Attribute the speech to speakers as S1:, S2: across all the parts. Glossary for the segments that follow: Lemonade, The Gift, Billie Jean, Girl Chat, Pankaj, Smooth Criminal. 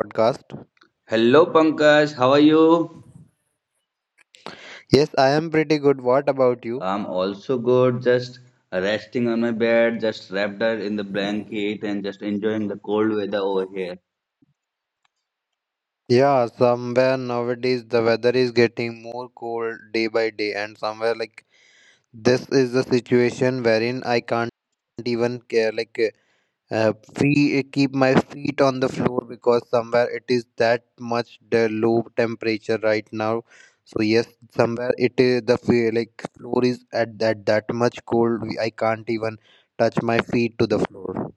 S1: Podcast.
S2: Hello Pankaj, how are you?
S1: Yes, I am pretty good. What about you?
S2: I'm also good, just resting on my bed, just wrapped up in the blanket and just enjoying the cold weather over here.
S1: Yeah, somewhere nowadays the weather is getting more cold day by day, and somewhere like this is the situation wherein I can't even care, like free, keep my feet on the floor because somewhere it is that much the low temperature right now. So yes, somewhere it is the like floor is at that much cold. I can't even touch my feet to the floor.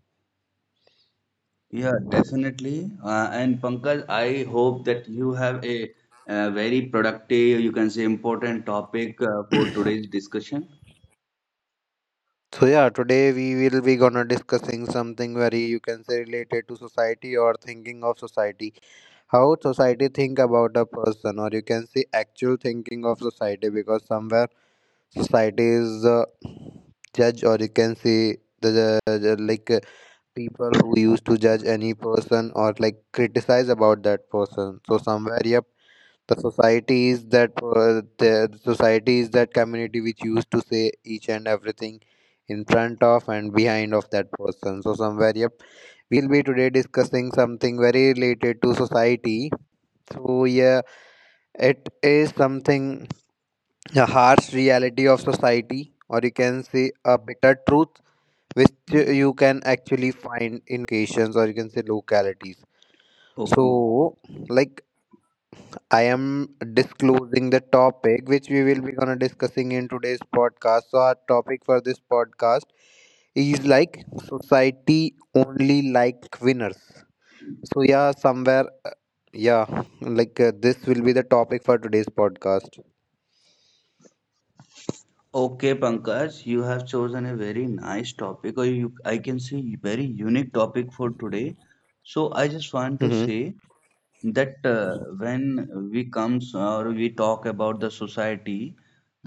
S2: Yeah, definitely. And Pankaj, I hope that you have a, very productive, you can say important topic for today's discussion.
S1: So yeah, today we will be gonna discussing something very, you can say, related to society or thinking of society. How society think about a person, or you can say actual thinking of society, because somewhere society is the judge, or you can say the people who used to judge any person or like criticize about that person. So somewhere, yep, the societies that the societies, that community which used to say each and everything in front of and behind of that person. So somewhere, yep, will be today discussing something very related to society. So yeah, it is something a harsh reality of society, or you can say a bitter truth which you can actually find in locations, or you can say localities.
S2: Okay.
S1: So like, I am disclosing the topic which we will be gonna discussing in today's podcast. So our topic for this podcast is like society only like winners. So yeah, somewhere, yeah, like this will be the topic for today's podcast.
S2: Okay, Pankaj, you have chosen a very nice topic, or you, I can say very unique topic for today. So I just want to
S1: Mm-hmm.
S2: say that when we comes or we talk about the society,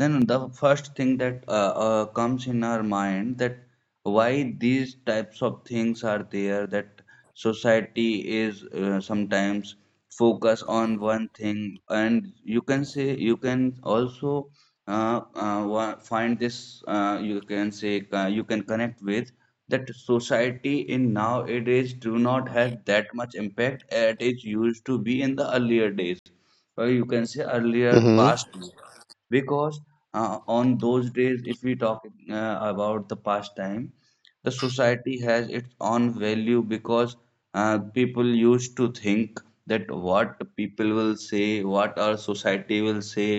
S2: then the first thing that comes in our mind that why these types of things are there, that society is sometimes focus on one thing, and you can say you can also uh, uh, find this you can say you can connect with that society in nowadays do not have that much impact as it used to be in the earlier days, or you can say earlier
S1: Mm-hmm.
S2: past days, because on those days if we talk about the past time, the society has its own value because people used to think that what people will say, what our society will say,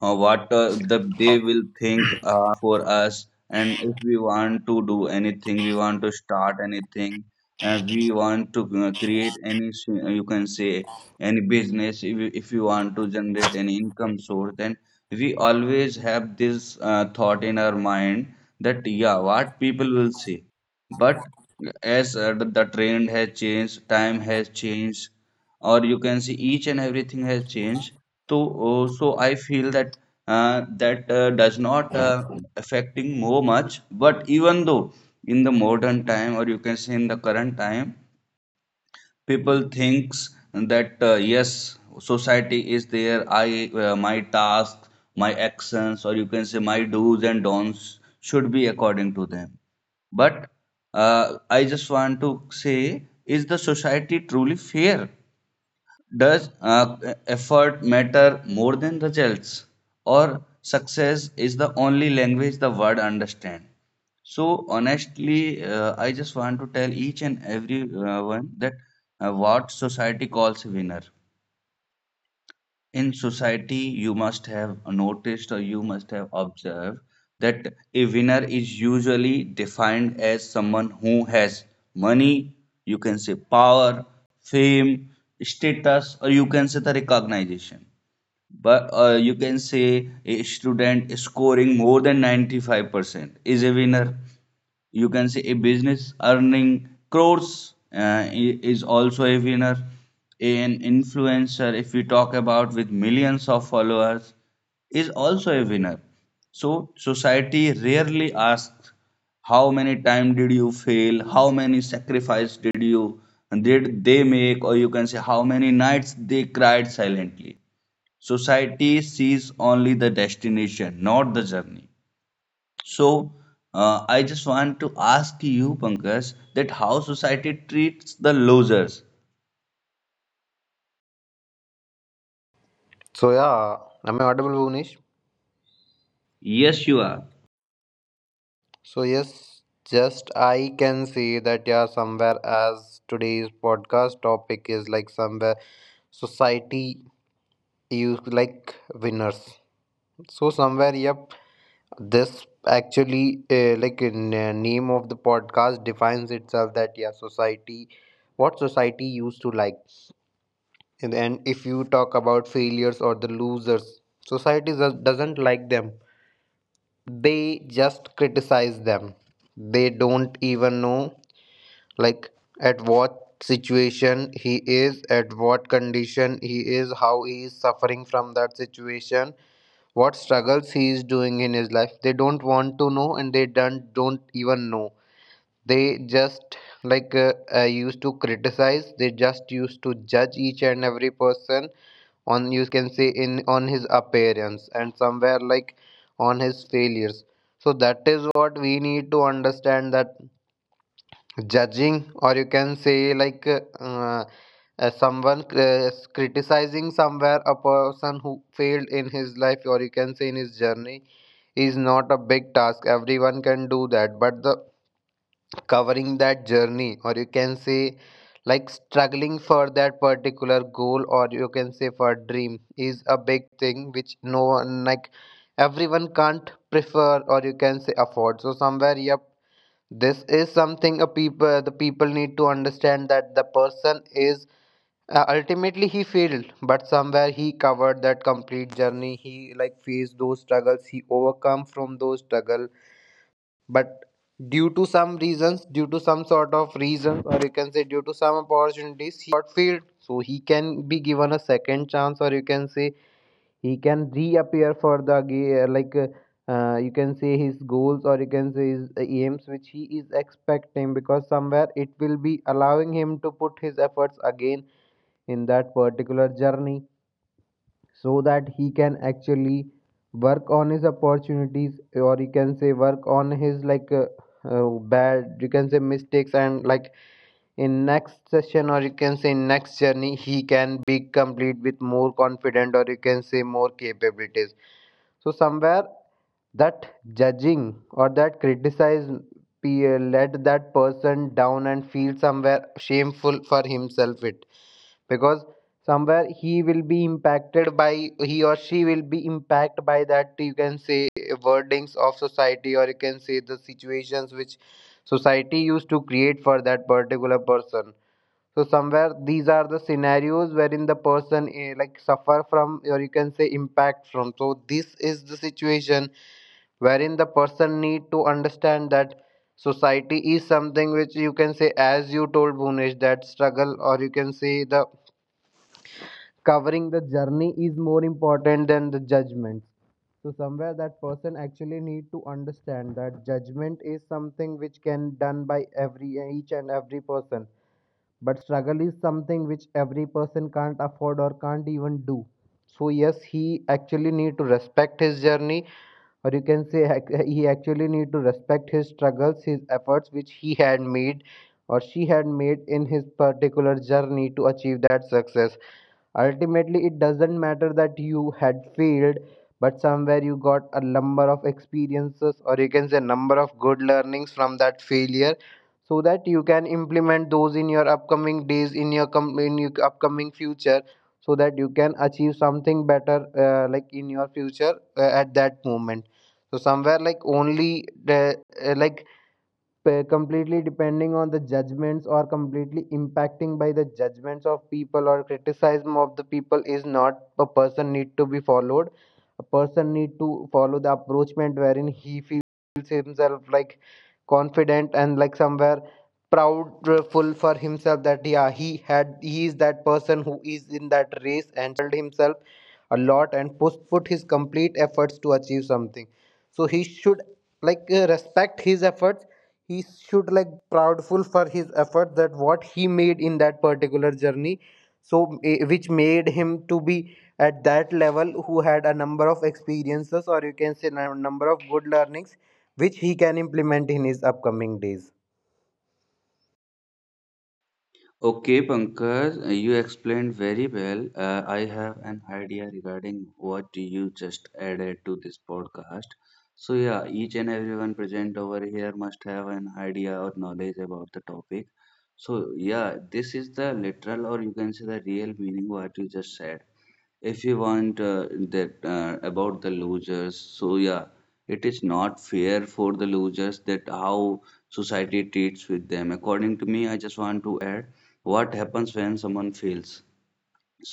S2: what they will think for us. And if we want to do anything, we want to start anything, we want to create any you can say any business, if you want to generate any income source, then we always have this thought in our mind that yeah, what people will say. But as the trend has changed, time has changed, or you can see each and everything has changed, so, so I feel that does not affecting more much. But even though in the modern time, or you can say in the current time, people thinks that yes, society is there. I My tasks, my actions, or you can say my do's and don'ts should be according to them. But I just want to say, is the society truly fair? Does effort matter more than results? Or success is the only language the world understand? So honestly, I just want to tell each and every one that what society calls winner in society. You must have noticed or you must have observed that a winner is usually defined as someone who has money, you can say power, fame, status, or you can say the recognition. But you can say a student scoring more than 95% is a winner, you can say a business earning crores is also a winner, an influencer if we talk about with millions of followers is also a winner. So society rarely asks how many time did you fail, how many sacrifice did you did they make, or you can say how many nights they cried silently. Society sees only the destination, not the journey. So, I just want to ask you, Pankaj, that how society treats the losers.
S1: So yeah, am I audible, Bhuvnesh?
S2: Yes, you are.
S1: So yes, just I can see that, yeah, somewhere as today's podcast topic is like somewhere society you like winners. So somewhere, yep, this actually like in, name of the podcast defines itself that, yeah, society, what society used to like, and then if you talk about failures or the losers, society does, doesn't like them. They just criticize them. They don't even know like at what situation he is, at what condition he is, how he is suffering from that situation, what struggles he is doing in his life. They don't want to know and they don't even know. They just like used to criticize. They just used to judge each and every person on, you can say, in on his appearance and somewhere like on his failures. So that is what we need to understand, that judging, or you can say like someone criticizing somewhere a person who failed in his life, or you can say in his journey, is not a big task. Everyone can do that, but the covering that journey, or you can say like struggling for that particular goal, or you can say for dream, is a big thing which no one, like everyone can't prefer, or you can say afford. So somewhere, yep, this is something a people, the people need to understand, that the person is ultimately he failed, but somewhere he covered that complete journey, he like faced those struggles, he overcome from those struggle, but due to some reasons, due to some sort of reasons, or you can say due to some opportunities, he got failed. So he can be given a second chance, or you can say he can reappear for the you can say his goals, or you can say his aims which he is expecting, because somewhere it will be allowing him to put his efforts again in that particular journey, so that he can actually work on his opportunities, or you can say work on his like uh, bad, you can say mistakes, and like in next session, or you can say in next journey, he can be complete with more confident, or you can say more capabilities. So somewhere that judging or that criticize peer let that person down and feel somewhere shameful for himself, it because somewhere he will be impacted by, he or she will be impacted by that, you can say, wordings of society, or you can say the situations which society used to create for that particular person. So somewhere these are the scenarios wherein the person like suffer from, or you can say impact from. So this is the situation wherein the person need to understand that society is something which, you can say, as you told Bhunesh, that struggle, or you can say the covering the journey, is more important than the judgment. So somewhere that person actually need to understand that judgment is something which can done by every, each and every person, but struggle is something which every person can't afford or can't even do. So yes, he actually need to respect his journey, or you can say he actually need to respect his struggles, his efforts which he had made or she had made in his particular journey to achieve that success. Ultimately, it doesn't matter that you had failed, but somewhere you got a number of experiences, or you can say number of good learnings from that failure, so that you can implement those in your upcoming days, in your in your upcoming future, so that you can achieve something better, like in your future at that moment. So somewhere like only the like completely depending on the judgments, or completely impacting by the judgments of people or criticism of the people, is not a person need to be followed. A person need to follow the approachment wherein he feels himself like confident and like somewhere proudful for himself, that yeah, he had, he is that person who is in that race and himself a lot and put his complete efforts to achieve something. So he should like respect his efforts, he should like proudful for his effort that what he made in that particular journey. So which made him to be at that level, who had a number of experiences, or you can say a number of good learnings which he can implement in his upcoming days.
S2: Okay, Pankaj, you explained very well. I have an idea regarding what you just added to this podcast. So, yeah, each and everyone present over here must have an idea or knowledge about the topic. So, yeah, this is the literal, or you can say the real meaning what you just said. If you want that about the losers, so yeah, it is not fair for the losers that how society treats with them. According to me, I just want to add what happens when someone fails.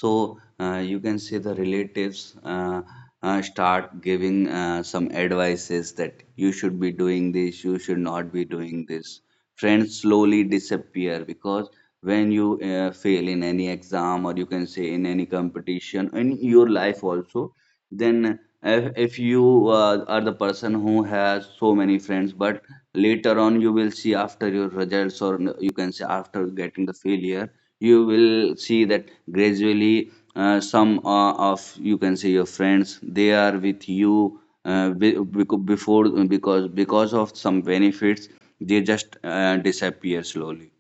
S2: So you can say the relatives start giving some advices that you should be doing this, you should not be doing this. Friends slowly disappear, because when you fail in any exam, or you can say in any competition in your life also, then if you are the person who has so many friends, but later on you will see after your results, or you can say after getting the failure, you will see that gradually some of you can say your friends, they are with you before, because of some benefits they just disappear slowly.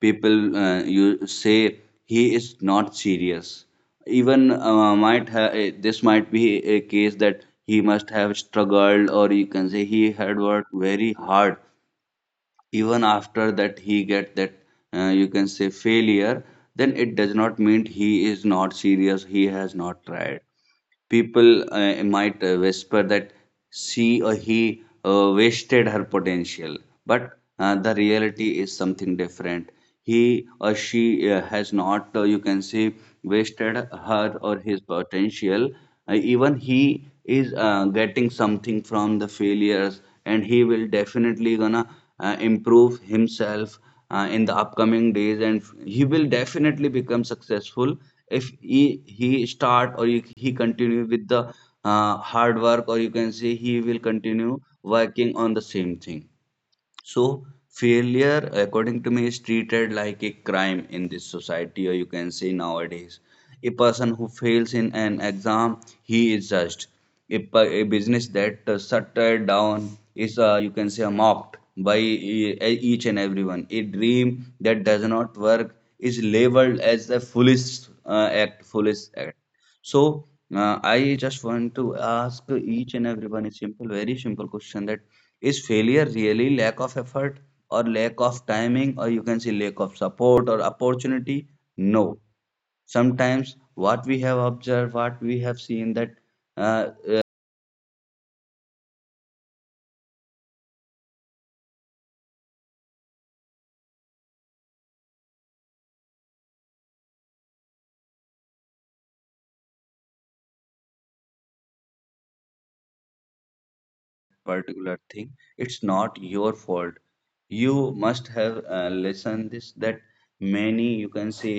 S2: People you say he is not serious. Even might have this, might be a case that he must have struggled, or you can say he had worked very hard. Even after that he get that you can say failure, then it does not mean he is not serious, he has not tried. People might whisper that she or he wasted her potential. But the reality is something different. He or she has not you can say wasted her or his potential. Even he is getting something from the failures, and he will definitely gonna improve himself in the upcoming days, and he will definitely become successful if he he start, or he continue with the hard work, or you can say he will continue working on the same thing. So, failure, according to me, is treated like a crime in this society, or you can say nowadays. A person who fails in an exam, he is judged. A business that shuttered down is, you can say, mocked by each and everyone. A dream that does not work is labeled as a foolish foolish act. So I just want to ask each and everyone a simple, very simple question, that is failure really lack of effort, or lack of timing, or you can say lack of support or opportunity? No. Sometimes what we have observed, what we have seen, that uh, uh, particular thing, it's not your fault. You must have lesson this, that many you can say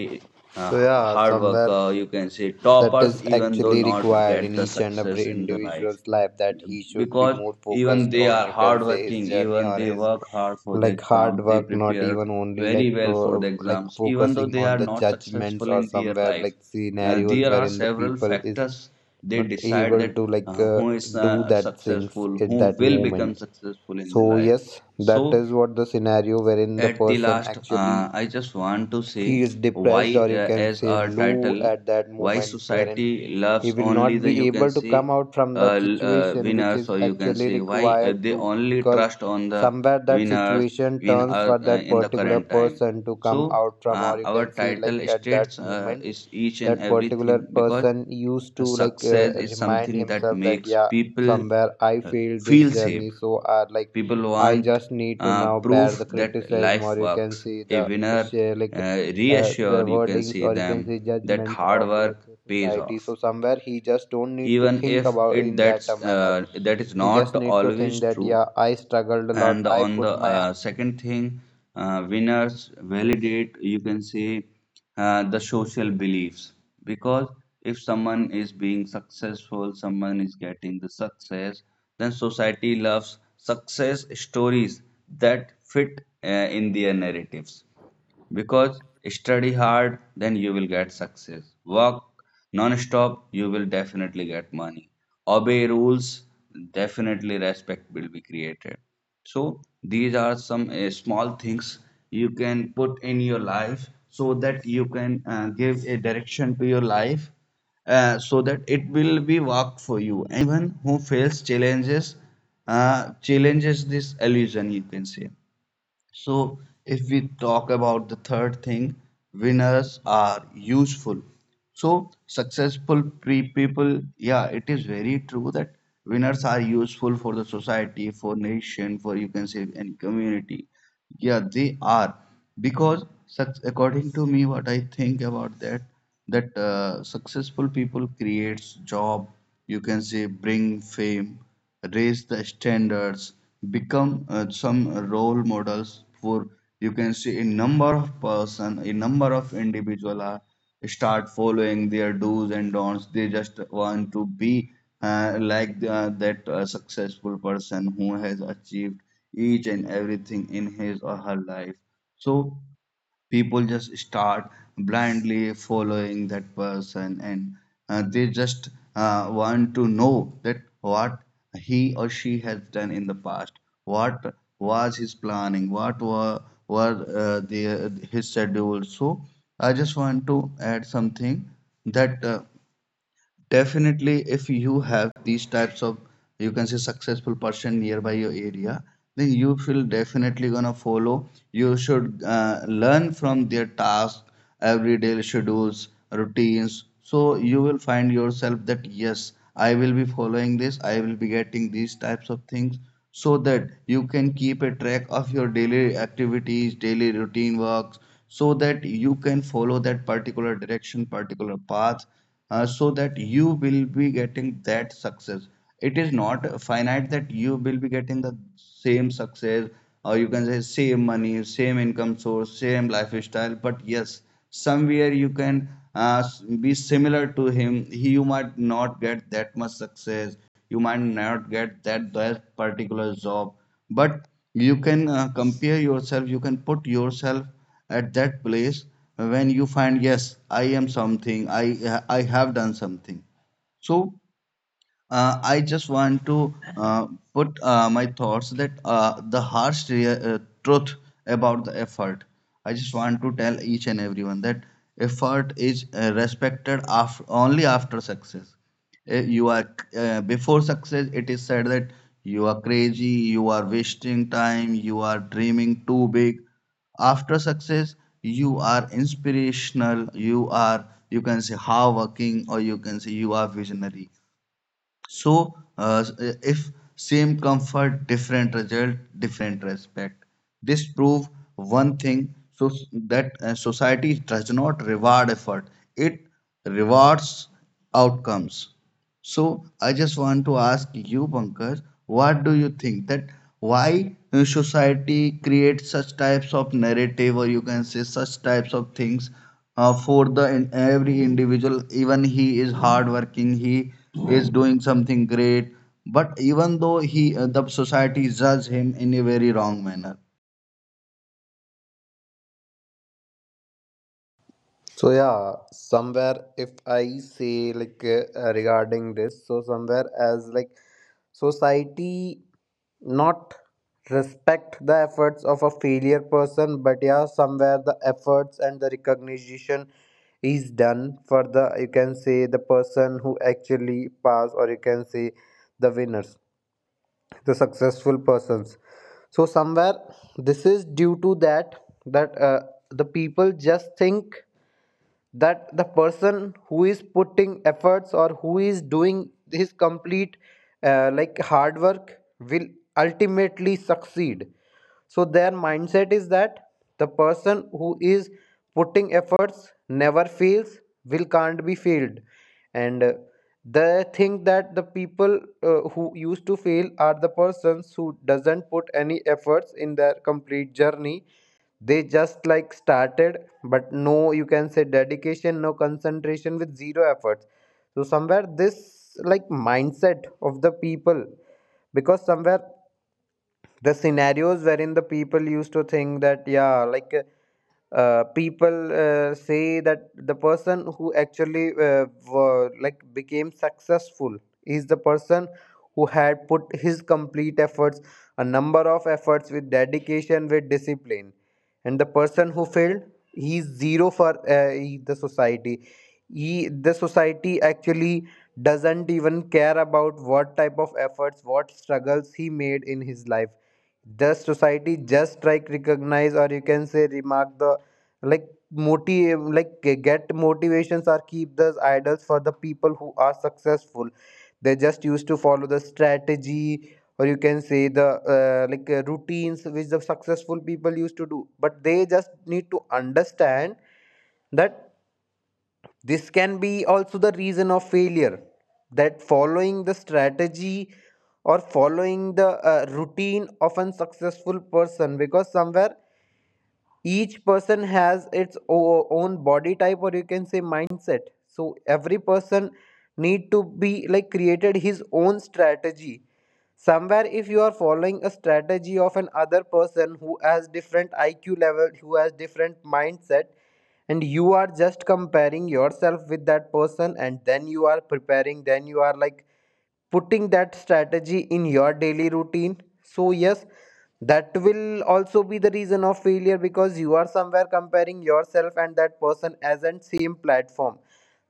S2: uh,
S1: So yeah,
S2: hard
S1: somewhere
S2: worker, you can say
S1: that
S2: toppers,
S1: is
S2: even though
S1: actually
S2: not
S1: required
S2: get
S1: in
S2: the
S1: each and every
S2: success in the life.
S1: individual's life, that he should be
S2: Because
S1: more
S2: even
S1: focused
S2: they
S1: on,
S2: are
S1: you can say, his
S2: hardworking,
S1: journey
S2: even
S1: or
S2: they
S1: his
S2: work hard for the
S1: like hard
S2: exam, they
S1: work, not
S2: prepare
S1: even only
S2: very
S1: like
S2: well for the
S1: pro, like
S2: exams, even though
S1: focusing
S2: they
S1: on
S2: are
S1: the
S2: not
S1: judgments
S2: successful
S1: or
S2: in their
S1: somewhere
S2: life.
S1: like
S2: Uh,
S1: scenarios
S2: there are
S1: wherein the
S2: several
S1: people is
S2: factors they
S1: not
S2: decide
S1: able
S2: that
S1: to like
S2: who is
S1: do that things
S2: successful,
S1: at
S2: who
S1: that
S2: will become
S1: moment.
S2: successful in the
S1: So
S2: life.
S1: yes, that
S2: So
S1: is what the scenario wherein the
S2: at the
S1: person
S2: last,
S1: actually
S2: I just want to say
S1: feels depressed,
S2: why,
S1: or you can
S2: as
S1: say
S2: our
S1: low
S2: title,
S1: at that
S2: why
S1: moment, wherein
S2: society
S1: he
S2: loves
S1: will
S2: only
S1: not
S2: the,
S1: be
S2: you can
S1: able to
S2: say
S1: come out from
S2: uh,
S1: that situation which
S2: winners,
S1: is
S2: or you can
S1: actually
S2: say why
S1: required
S2: they
S1: to,
S2: only
S1: because
S2: trust on the
S1: somewhere that
S2: winners
S1: situation
S2: in
S1: turns
S2: our
S1: for that
S2: in the
S1: particular
S2: current time.
S1: person to come
S2: So
S1: out from, or you
S2: our
S1: can say like
S2: title
S1: at that
S2: states
S1: moment
S2: is each and
S1: that particular
S2: everything, because
S1: person used to like
S2: success is
S1: remind
S2: something that
S1: himself that,
S2: makes
S1: yeah,
S2: people
S1: somewhere I
S2: uh,
S1: failed this
S2: feel safe.
S1: journey, so like
S2: People
S1: I
S2: want
S1: just need to now bear
S2: proof
S1: the
S2: that
S1: criticism, or
S2: life
S1: you can
S2: works.
S1: see
S2: A
S1: the
S2: winner
S1: share like
S2: uh,
S1: the
S2: reassure you can
S1: wordings,
S2: see
S1: or you can
S2: them
S1: say
S2: that
S1: judgments
S2: hard
S1: of
S2: work
S1: like the
S2: pays
S1: society.
S2: off,
S1: So somewhere he just don't need to
S2: even
S1: think
S2: if
S1: about
S2: it
S1: in that manner,
S2: that is
S1: he
S2: not
S1: just need to
S2: always
S1: think that,
S2: true.
S1: yeah, I struggled a lot,
S2: And
S1: I
S2: on the
S1: put my.
S2: second thing, winners validate, you can say the social beliefs, because if someone is being successful, someone is getting the success, then society loves success stories that fit in their narratives. Because study hard, then you will get success. Work non-stop, you will definitely get money. Obey rules, definitely respect will be created. So these are some small things you can put in your life so that you can give a direction to your life, so that it will be work for you. Anyone who fails challenges challenges this illusion, you can say. So, if we talk about the third thing, winners are useful. So, successful pre people, yeah, it is very true that winners are useful for the society, for nation, for you can say any community. Yeah, they are. Because according to me, what I think about that, that successful people creates job, you can say bring fame, raise the standards, become some role models for, you can say, a number of person, a number of individual are start following their do's and don'ts. They just want to be like that successful person who has achieved each and everything in his or her life. So people just start blindly following that person, and they just want to know that what he or she has done in the past, what was his planning, what were the his schedule. So I just want to add something, that definitely, if you have these types of, you can say, successful person nearby your area, then you will definitely gonna follow. You should learn from their tasks, everyday schedules, routines. So you will find yourself that yes, I will be following this, I will be getting these types of things, so that you can keep a track of your daily activities, daily routine works, so that you can follow that particular direction, particular path, so that you will be getting that success. It is not finite that you will be getting the same success, or you can say same money, same income source, same lifestyle. But yes, somewhere you can be similar to him. He, you might not get that much success. You might not get that particular job, but you can compare yourself, you can put yourself at that place when you find yes, I am something, I have done something. So I just want to put my thoughts that the truth about the effort. I just want to tell each and everyone that effort is respected after, only after success. You are Before success, it is said that you are crazy, you are wasting time, you are dreaming too big. After success, you are inspirational, you are, you can say, hardworking, or you can say you are visionary. So, if same comfort, different result, different respect. This prove one thing: so s- that society does not reward effort; it rewards outcomes. So I just want to ask you, Pankaj, what do you think, that why society creates such types of narrative, or you can say such types of things for the in, every individual, even he is hardworking, he is doing something great, but even though he the society judge him in a very wrong manner.
S1: So yeah, somewhere if I say like regarding this, so somewhere as like society not respect the efforts of a failure person, but yeah, somewhere the efforts and the recognition is done for the, you can say, the person who actually pass, or you can say the winners, the successful persons. So somewhere this is due to that that the people just think that the person who is putting efforts or who is doing his complete like hard work will ultimately succeed. So their mindset is that the person who is putting efforts never fails, will can't be failed, and they think that the people who used to fail are the persons who doesn't put any efforts in their complete journey. They just like started, but no, you can say dedication, no concentration, with zero efforts. So somewhere this like mindset of the people, because somewhere the scenarios wherein the people used to think that yeah, like people say that the person who actually like became successful is the person who had put his complete efforts, a number of efforts with dedication, with discipline, and the person who failed, he's zero for the society. He, the society actually doesn't even care about what type of efforts, what struggles he made in his life. The society just like recognize or you can say remark the like motive, like get motivations, are keep those idols for the people who are successful. They just used to follow the strategy or you can say the like routines which the successful people used to do, but they just need to understand that this can be also the reason of failure, that following the strategy or following the routine of a successful person, because somewhere each person has its own body type or you can say mindset. So every person need to be like created his own strategy. Somewhere if you are following a strategy of an other person who has different IQ level, who has different mindset, and you are just comparing yourself with that person and then you are preparing, then you are like putting that strategy in your daily routine, so yes, that will also be the reason of failure, because you are somewhere comparing yourself and that person as an same platform.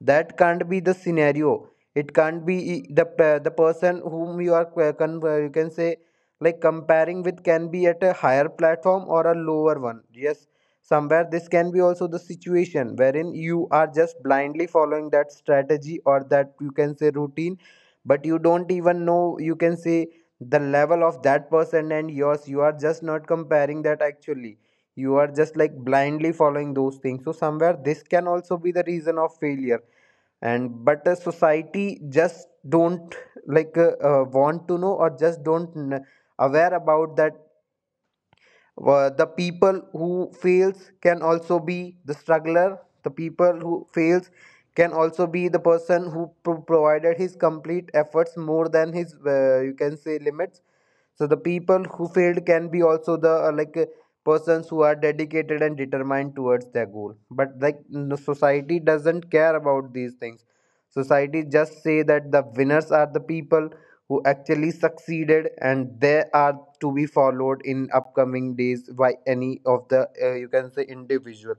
S1: That can't be the scenario. It can't be the person whom you are you can say like comparing with, can be at a higher platform or a lower one. Yes, somewhere this can be also the situation wherein you are just blindly following that strategy or that you can say routine, but you don't even know you can say the level of that person and yours. You are just not comparing that, actually you are just like blindly following those things. So somewhere this can also be the reason of failure. And but a society just don't like want to know or just don't aware about that the people who fails can also be the struggler. The people who fails can also be the person who provided his complete efforts more than his you can say limits. So the people who failed can be also the like persons who are dedicated and determined towards their goal. But like society doesn't care about these things. Society just say that the winners are the people who actually succeeded and they are to be followed in upcoming days by any of the you can say individual,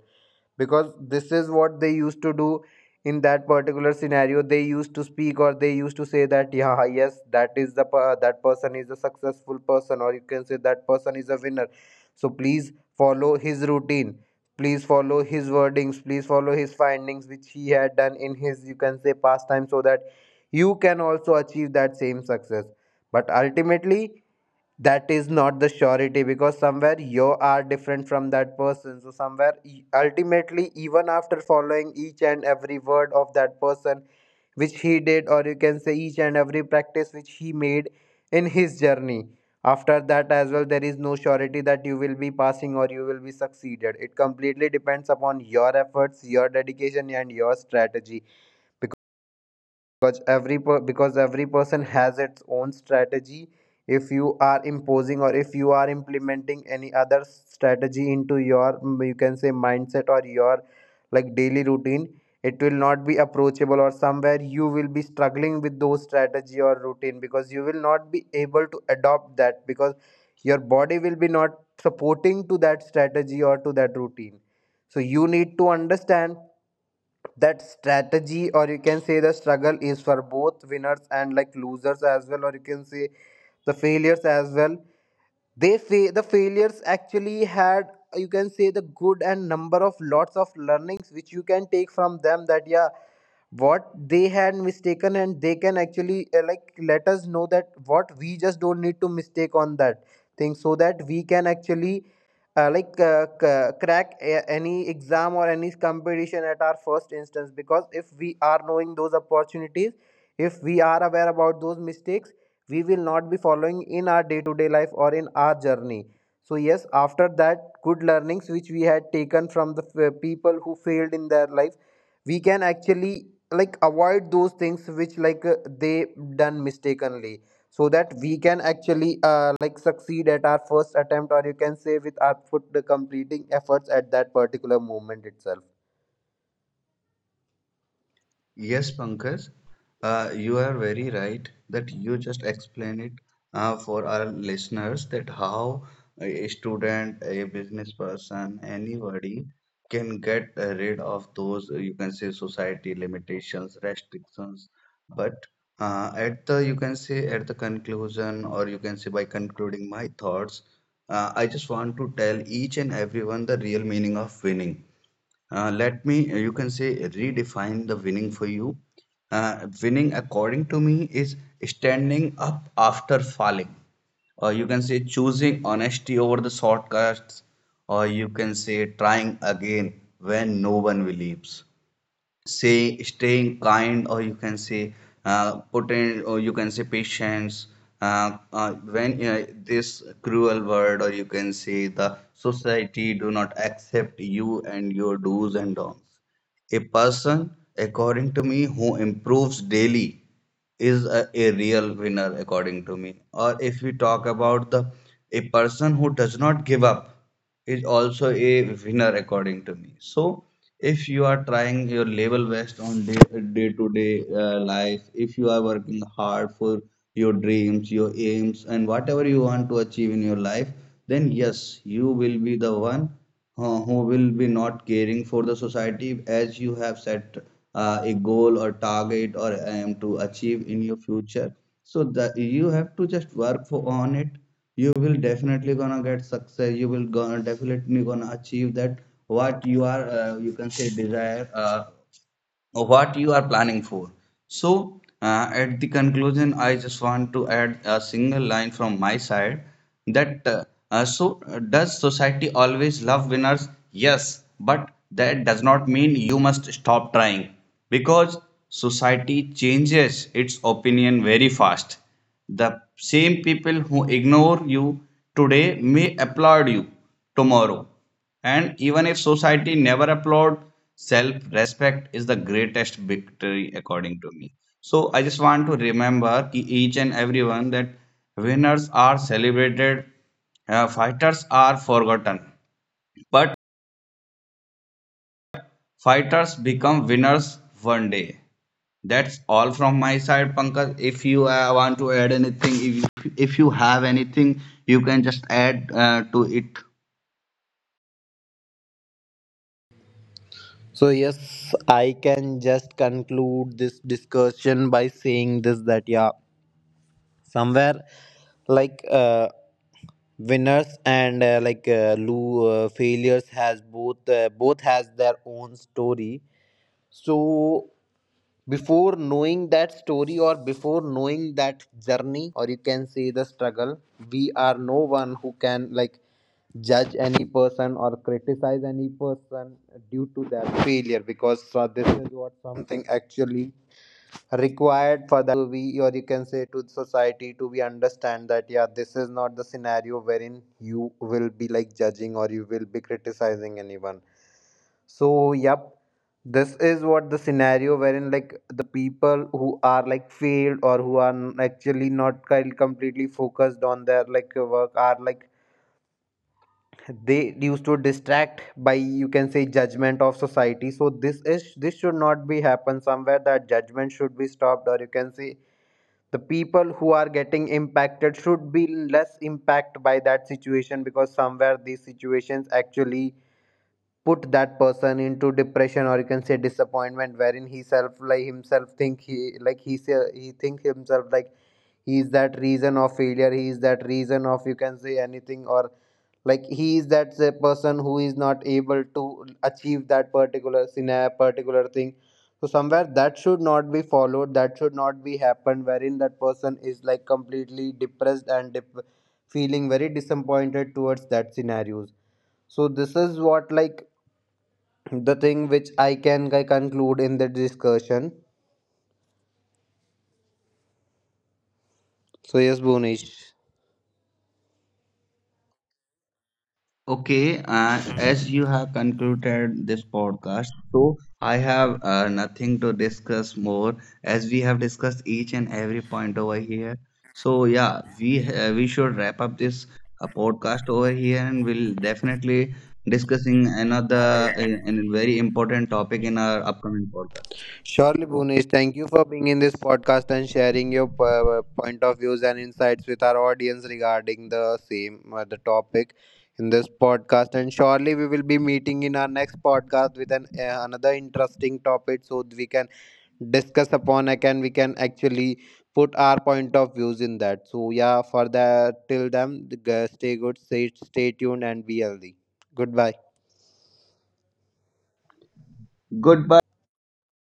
S1: because this is what they used to do in that particular scenario. They used to speak or they used to say that yeah, yes, that is the that person is a successful person or you can say that person is a winner, so please follow his routine, please follow his wordings, please follow his findings which he had done in his you can say past time, so that you can also achieve that same success. But ultimately that is not the surety, because somewhere you are different from that person. So somewhere ultimately, even after following each and every word of that person which he did, or you can say each and every practice which he made in his journey, after that as well there is no surety that you will be passing or you will be succeeded. It completely depends upon your efforts, your dedication and your strategy, because because every person has its own strategy. If you are imposing or if you are implementing any other strategy into your you can say mindset or your like daily routine, it will not be approachable or somewhere you will be struggling with those strategy or routine, because you will not be able to adopt that, because your body will be not supporting to that strategy or to that routine. So you need to understand that strategy or you can say the struggle is for both winners and like losers as well, or you can say the failures as well. They the failures actually had you can say the good and number of lots of learnings which you can take from them, that yeah, what they had mistaken, and they can actually like let us know that what we just don't need to mistake on that thing, so that we can actually like crack any exam or any competition at our first instance, because if we are knowing those opportunities, if we are aware about those mistakes, we will not be following in our day to day life or in our journey. So yes, after that good learnings which we had taken from the people who failed in their life, we can actually like avoid those things which like they done mistakenly, so that we can actually like succeed at our first attempt or you can say with our foot completing efforts at that particular moment itself.
S2: Yes, Pankaj, you are very right that you just explain it for our listeners, that how a student, a business person, anybody can get rid of those, you can say, society limitations, restrictions. But at the, you can say, at the conclusion, or you can say by concluding my thoughts, I just want to tell each and everyone the real meaning of winning. Uh, let me, you can say, redefine the winning for you. Winning, according to me, is standing up after falling. Or you can say choosing honesty over the shortcuts. Or you can say trying again when no one believes. Say staying kind, or you can say potent, or you can say patience. When this cruel world, or you can say the society, do not accept you and your do's and don'ts, a person, according to me, who improves daily is a real winner, according to me. Or if we talk about the a person who does not give up is also a winner, according to me. So if you are trying your level best on day to day life, if you are working hard for your dreams, your aims, and whatever you want to achieve in your life, then yes, you will be the one who will be not caring for the society, as you have set a goal or target or aim to achieve in your future, so that you have to just work for on it. You will definitely gonna get success, you will gonna definitely gonna achieve that what you are you can say desire, what you are planning for. So, at the conclusion, I just want to add a single line from my side, that does society always love winners? Yes, but that does not mean you must stop trying, because society changes its opinion very fast. The same people who ignore you today may applaud you tomorrow. And even if society never applaud, self respect is the greatest victory, according to me. So I just want to remember each and everyone that winners are celebrated, fighters are forgotten, but fighters become winners one day. That's all from my side, Pankaj. If you want to add anything, if you have anything, you can just add to it.
S1: So yes, I can just conclude this discussion by saying this, that yeah, somewhere like winners and like failures has both both has their own story. So before knowing that story or before knowing that journey or you can say the struggle, we are no one who can like judge any person or criticize any person due to their failure. Because so this is what something actually required for to be or you can say to the society to be understand that yeah, this is not the scenario wherein you will be like judging or you will be criticizing anyone. So yep, this is what the scenario wherein like the people who are like failed or who are actually not kind completely focused on their like work, are like they used to distract by you can say judgment of society. So this is, this should not be happen somewhere, that judgment should be stopped or you can say the people who are getting impacted should be less impact by that situation, because somewhere these situations actually put that person into depression or you can say disappointment, wherein he self like himself think, he like he say he think himself like he is that reason of failure, he is that reason of you can say anything, or like he is that the person who is not able to achieve that particular scenario, particular thing. So somewhere that should not be followed, that should not be happened wherein that person is like completely depressed and feeling very disappointed towards that scenarios. So this is what like the thing which I can conclude in the discussion. So yes, Bhunish.
S2: Okay, as you have concluded this podcast, so I have nothing to discuss more, as we have discussed each and every point over here. So yeah, we should wrap up this podcast over here, and we'll definitely discussing another and very important topic in our upcoming podcast.
S1: Surely, Bhunish, thank you for being in this podcast and sharing your point of views and insights with our audience regarding the same the topic in this podcast. And surely, we will be meeting in our next podcast with an another interesting topic, so we can discuss upon it and we can actually put our point of views in that. So yeah, for that, till then, stay good, stay tuned and be healthy. Goodbye.
S2: Goodbye.